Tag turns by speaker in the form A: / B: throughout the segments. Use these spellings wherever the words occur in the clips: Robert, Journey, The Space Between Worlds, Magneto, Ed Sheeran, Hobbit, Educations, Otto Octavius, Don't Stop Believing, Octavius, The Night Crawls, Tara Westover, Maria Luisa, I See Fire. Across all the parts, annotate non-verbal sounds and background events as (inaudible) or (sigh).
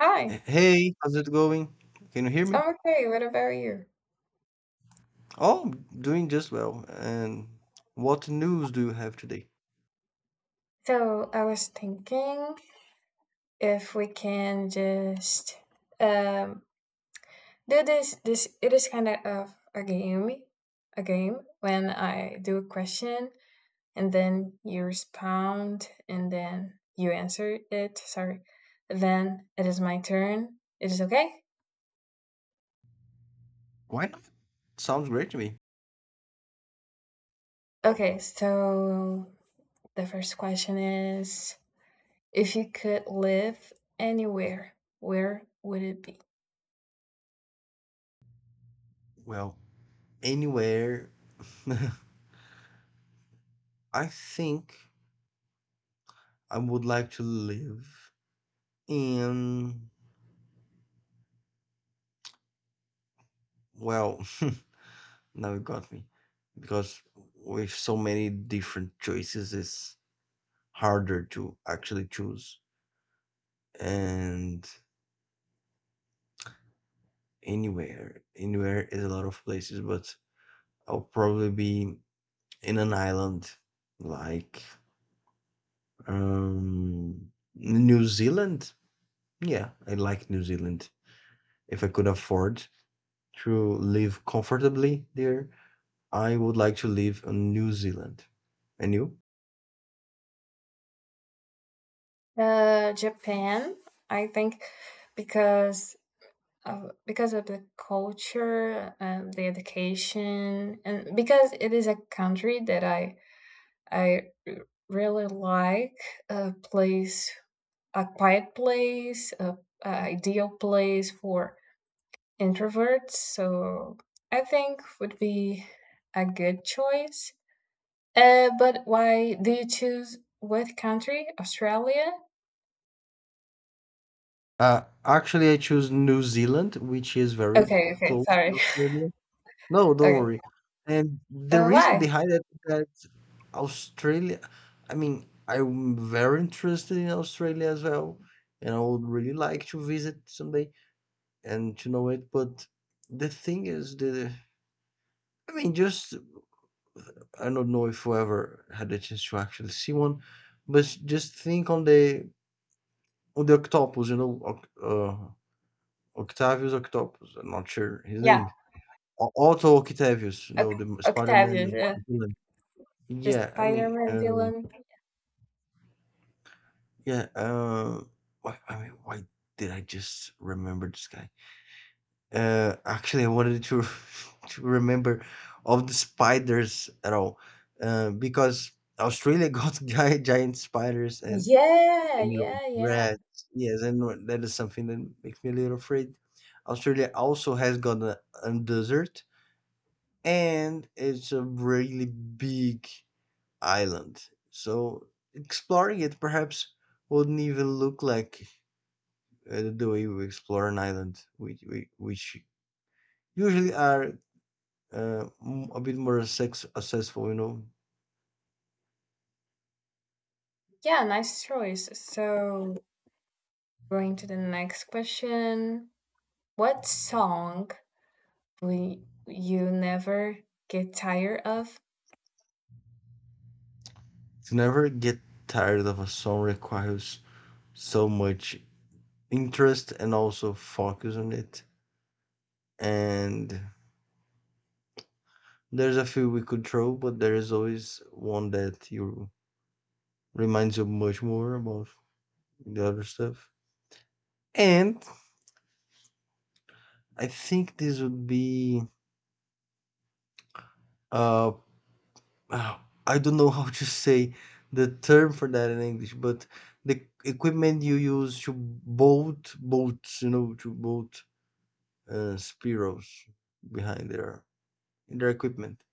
A: Hi,
B: Hey, how's it going? Can you hear me?
A: I'm okay. What about you?
B: Oh, doing just well. And what news do you have today?
A: So I was thinking if we can just um do this it is kind of a game when I do a question and then you respond and then you answer it. Sorry. Then it is my turn. It is okay?
B: Why not? Sounds great to me.
A: Okay, so the first question is if you could live anywhere, where would it be?
B: Well, anywhere. (laughs) I think I would like to live in, well, (laughs) now you got me. Because with so many different choices, it's harder to actually choose. And anywhere, anywhere is a lot of places, but I'll probably be in an island like New Zealand. Yeah, I like New Zealand. If I could afford to live comfortably there, I would like to live in New Zealand. And you?
A: Japan, I think, because because of the culture, the education, and because it is a country that I really like, a place, a quiet place, a ideal place for introverts. So I think would be a good choice. But why do you choose what country? Australia?
B: Actually, I choose New Zealand, which is very
A: Okay, okay,
B: close to
A: sorry. (laughs)
B: Australia. No, don't
A: Okay.
B: worry. And the reason
A: Why?
B: behind it is that Australia, I mean, I'm very interested in Australia as well, and I would really like to visit someday and to know it. But the thing is, the I mean, just I don't know if we ever had a chance to actually see one, but just think on the octopus, you know, uh, Octavius Octopus. I'm not sure his
A: Yeah,
B: name. Otto Octavius, you
A: Oc
B: know, the
A: Octavius,
B: Spider-Man.
A: yeah, the
B: Yeah, I mean,
A: Spider-Man villain.
B: yeah, um, why, I mean, why did I just remember this guy? Actually, I wanted to (laughs) to remember of the spiders at all, because Australia (laughs) got giant spiders
A: Yeah,
B: and you know
A: yeah, yeah.
B: rats. Yes, and that is something that makes me a little afraid. Australia also has got a desert, and it's a really big island. So exploring it perhaps wouldn't even look like the way we explore an island, which which usually are a bit more successful, you know.
A: Yeah, nice choice. So, going to the next question. What song will you never get tired of?
B: To never get tired of a song requires so much interest and also focus on it. And there's a few we could throw, but there is always one that you reminds you much more about the other stuff. And I think this would be uh, I don't know how to say the term for that in English, but the equipment you use to bolt bolts, you know, to bolt spirals behind their in their equipment.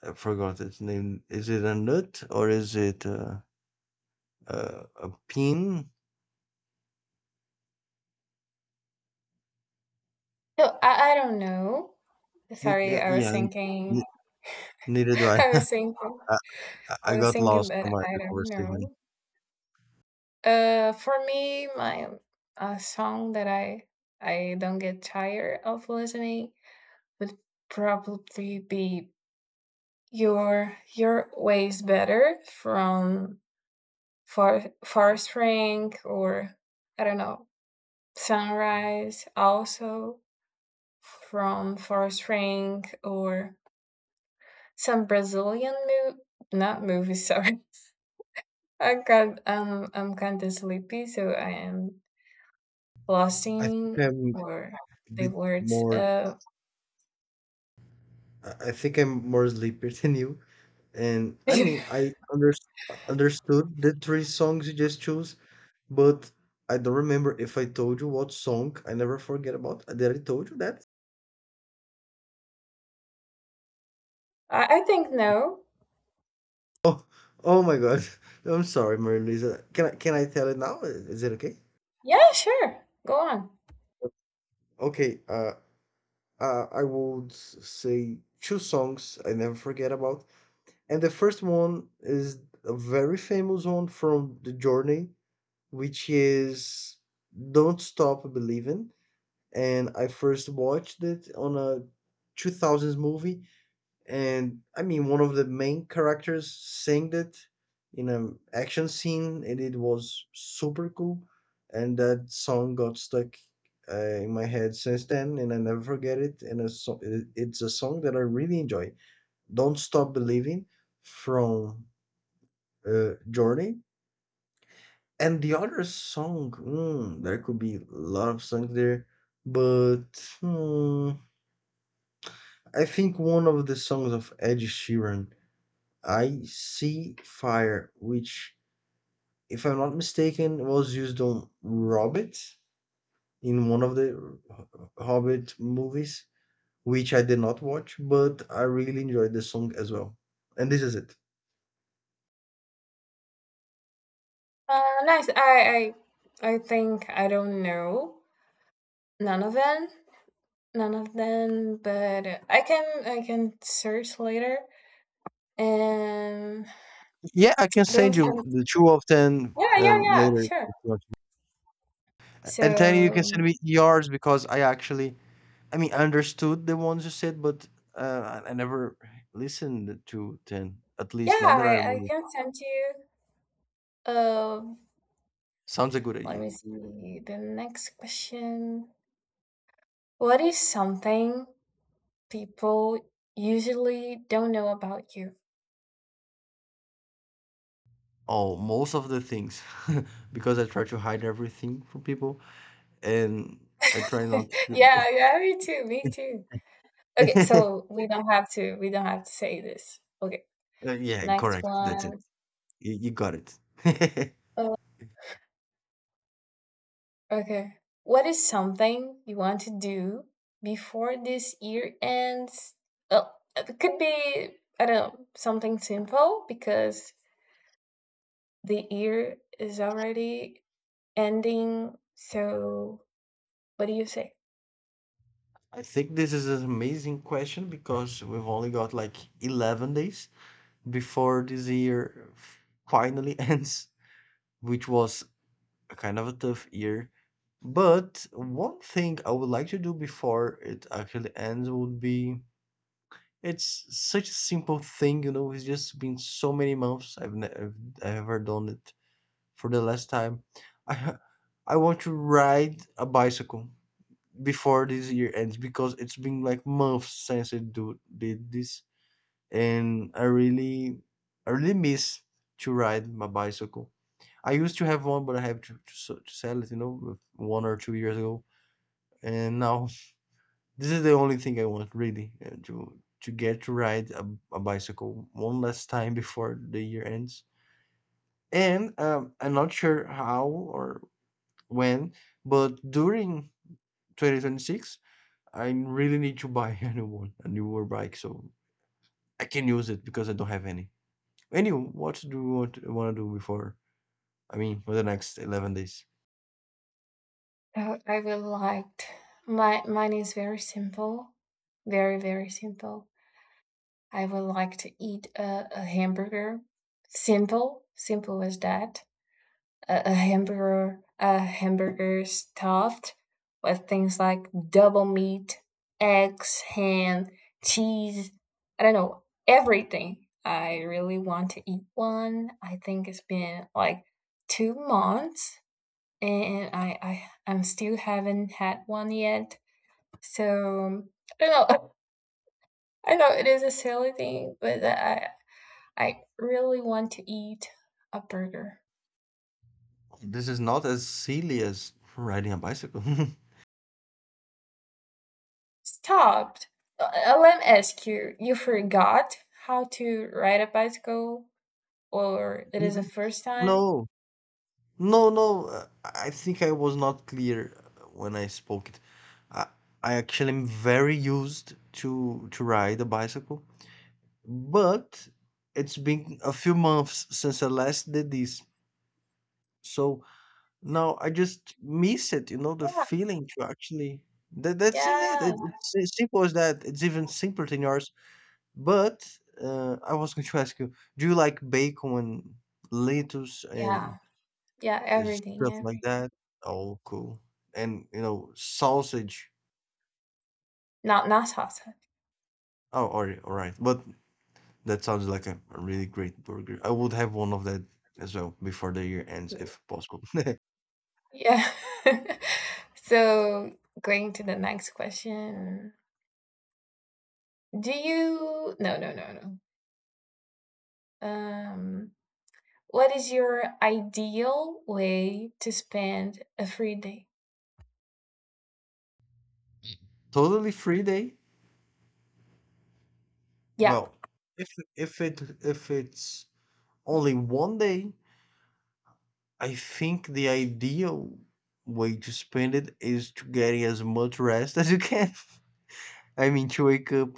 B: I forgot its name. Is it a nut or is it a, a pin?
A: No, I don't know. Sorry, I was
B: Yeah,
A: thinking.
B: n- neither do
A: (laughs)
B: I.
A: I was
B: (laughs)
A: thinking.
B: I, I
A: I
B: I
A: was
B: got
A: thinking,
B: lost
A: but
B: on my
A: I
B: the
A: don't
B: conversation.
A: know. For me, my a song that I don't get tired of listening would probably be your ways better from far spring or I don't know sunrise also from far spring or some Brazilian move not movies, sorry. (laughs) I got I'm kind of sleepy, so I am lost
B: I think
A: in
B: I'm
A: or
B: a
A: the
B: bit
A: words
B: more. I think I'm more sleepier (laughs) than you. And
A: (laughs)
B: I
A: I,
B: mean, I understood the three songs you just chose, but I don't remember if I told you what song. I never forget about that I told you that. (laughs)
A: I think no,
B: Oh, oh my God. (laughs) I'm sorry, Maria Luisa. Can I tell it now? Is it okay?
A: yeah, sure, go on.
B: Okay, I would say two songs I never forget about. And the first one is a very famous one from The Journey, which is Don't Stop Believing. And I first watched it on a 2000s movie, and I mean one of the main characters sang it in an action scene and it was super cool, and that song got stuck in my head since then and I never forget it, and a it's a song that I really enjoy, Don't Stop Believing from Journey. And the other song, there could be a lot of songs there, but hmm, I think one of the songs of Ed Sheeran, I See Fire, which, if I'm not mistaken, was used on Robert in one of the Hobbit movies, which I did not watch, but I really enjoyed the song as well. And this is it.
A: Nice. I think I don't know none of them, none of them. But I can search later and
B: Yeah, I can
A: going
B: send
A: to
B: you
A: the.
B: the two of ten
A: Yeah, yeah, yeah.
B: later,
A: Sure.
B: if you want to. And then you can send
A: So
B: me yours because I actually, I mean, I understood the ones you said, but uh, I never listened to ten. At
A: yeah,
B: least not that I
A: I
B: remember.
A: can send you. Um,
B: Sounds a good
A: let
B: idea.
A: me see the next question. What is something people usually don't know about you?
B: Oh, most of the things (laughs) because I try to hide everything from people and I try not
A: (laughs) Yeah, yeah, me too, me too. Okay,
B: to. (laughs)
A: so we don't have to say this. Okay.
B: Yeah,
A: Next
B: correct. That's it.
A: one.
B: You got it.
A: Oh, okay. What is something you want to do before this year ends? Oh, it could be I don't know, something simple because the year is already ending. So, what do you say?
B: (laughs) I think this is an amazing question because we've only got like 11 days before this year finally (laughs) ends, which was a kind of a tough year. But one thing I would like to do before it actually ends would be, it's such a simple thing, you know, it's just been so many months I've never I've ever done it for the last time. I (laughs) I want to ride a bicycle before this year ends because it's been like months since I do did this, and I really miss to ride my bicycle. I used to have one but I have to, to sell it, you know, 1 or 2 years ago, and now this is the only thing I want really, uh, to get to ride a bicycle one last time before the year ends. And I'm not sure how or when, but during 2026, I really need to buy (laughs) a new one, a newer bike, so I can use it because I don't have any. Anyway, what do want to do before? I mean, for the next 11 days.
A: I would like my mine is very simple. Very, very simple. I would like to eat a hamburger. Simple, simple as that. A hamburger, a hamburger stuffed with things like double meat, eggs, ham, cheese. I don't know everything. I really want to eat one. I think it's been like 2 months, and I'm still haven't had one yet. So I don't know. (laughs) I know it is a silly thing, but I really want to eat a burger.
B: This is not as silly as riding a bicycle. (laughs)
A: Stop! Uh, let me ask you, you forgot how to ride a bicycle or it is the first time?
B: No, No, no, I think I was not clear when I spoke it. I, I actually am very used to ride a bicycle, but it's been a few months since I last did this. So now I just miss it, you know, the feeling to actually, that that's
A: Yeah,
B: it.
A: yeah,
B: It's as simple as that. It's even simpler than yours. But I was going to ask you, do you like bacon and lettuce and
A: yeah, yeah, everything,
B: stuff like
A: everything.
B: that. Oh, cool. And you know, sausage.
A: Not not salsa.
B: Oh, all right, all right. But that sounds like a really great burger. I would have one of that as well before the year ends, if possible. (laughs)
A: Yeah. (laughs) So going to the next question. Do you no no no no. Um, what is your ideal way to spend a free day?
B: Totally free day.
A: Yeah.
B: Well, if if it's only one day, I think the ideal way to spend it is to get as much rest (laughs) as you can. (laughs) I mean, to wake up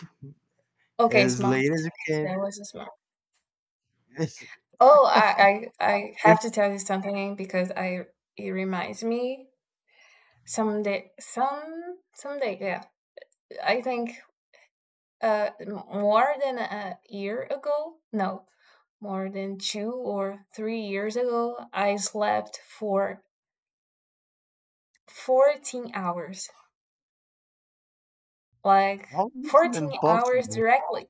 A: Okay,
B: as late
A: smart.
B: as you
A: That
B: can.
A: was a smart.
B: (laughs)
A: Oh, I
B: If
A: have to tell you something because I it reminds me someday, yeah, I think more than a year ago, no, more than 2 or 3 years ago I slept for 14 hours, like
B: how is
A: fourteen
B: it
A: hours
B: possible?
A: directly.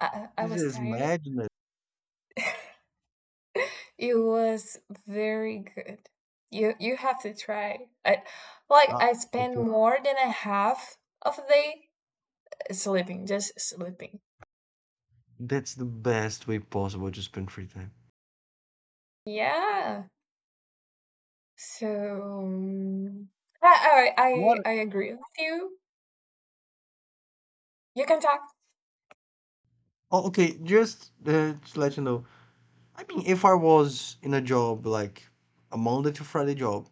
A: I
B: This
A: was
B: is
A: tired.
B: madness.
A: It was very good. You have to try. I Like
B: Ah,
A: I spent
B: okay.
A: more than a half of the day sleeping, just sleeping.
B: That's the best way possible to spend free time.
A: Yeah. So
B: What?
A: I agree with you. You can talk.
B: Oh, okay. Just to let you know, I mean, if I was in a job like a Monday to Friday job,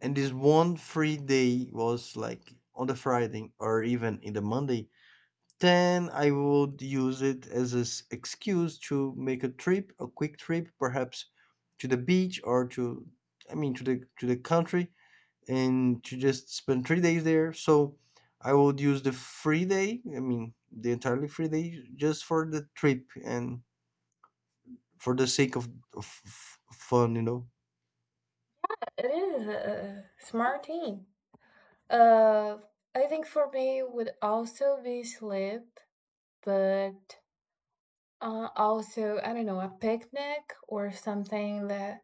B: and this one free day was like on the Friday or even in the Monday, then I would use it as an excuse to make a trip, a quick trip, perhaps to the beach or to, I mean, to the country and to just spend 3 days there. So I would use the free day, I mean, the entirely free day, just for the trip and for the sake of fun, you know.
A: It is a smart thing. Uh, I think for me would also be sleep, but also I don't know a picnic or something that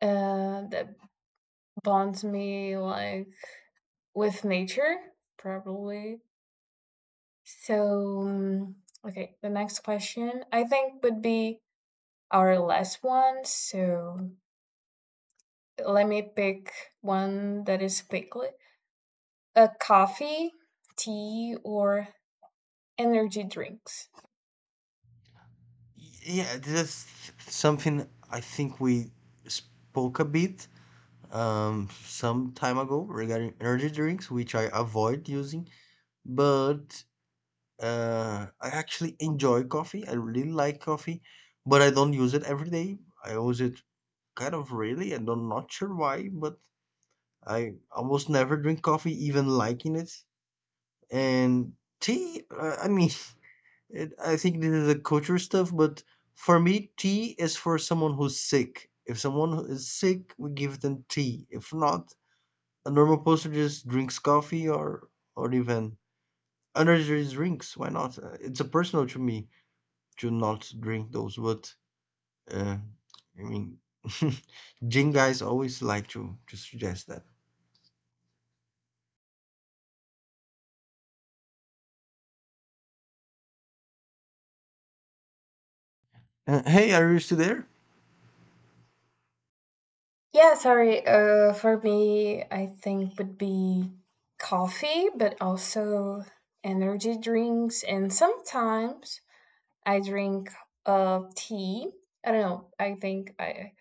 A: that bonds me, like, with nature, probably. So, mm, okay, the next question I think would be our last one. So, let me pick one that is quickly a coffee, tea, or energy drinks.
B: Yeah, that's something I think we spoke a bit some time ago regarding energy drinks, which I avoid using, but I actually enjoy coffee. I really like coffee, but I don't use it every day. I use it kind of really. And I'm not sure why, but I almost never drink coffee, even liking it. And tea, I mean, (laughs) it, I think this is a culture stuff, but for me, tea is for someone who's sick. If someone who is sick, we give them tea. If not, a normal person just drinks coffee or even energy drinks. Why not? It's a personal to me to not drink those, but uh, I mean, (laughs) Jing guys always like to suggest that. Hey, are you still there?
A: Yeah, sorry. For me, I think would be coffee, but also energy drinks, and sometimes I drink tea. I don't know. I think I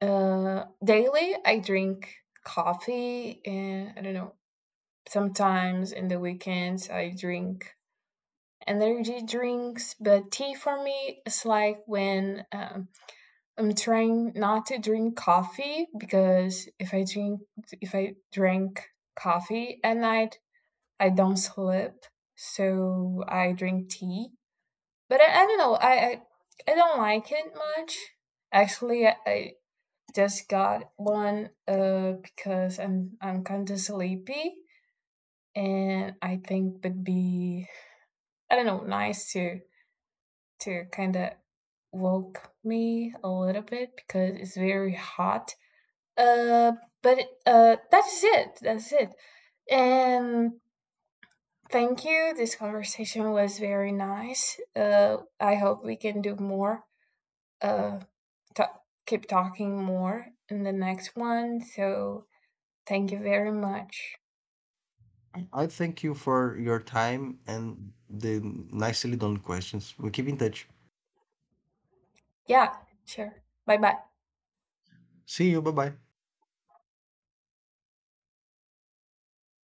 A: Daily I drink coffee and I don't know. Sometimes in the weekends I drink energy drinks, but tea for me is like when I'm trying not to drink coffee because if I drink coffee at night, I don't sleep. So I drink tea. But I don't know. I don't like it much. Actually, I just got one because I'm kind of sleepy and I think would be I don't know nice to kind of woke me a little bit because it's very hot. Uh, but That's it. That's it. And thank you. This conversation was very nice. I hope we can do more. Uh, ta Keep talking more in the next one. So thank you very much.
B: I thank you for your time and the nicely done questions. We keep in touch.
A: Yeah, sure. Bye bye.
B: See you. Bye bye.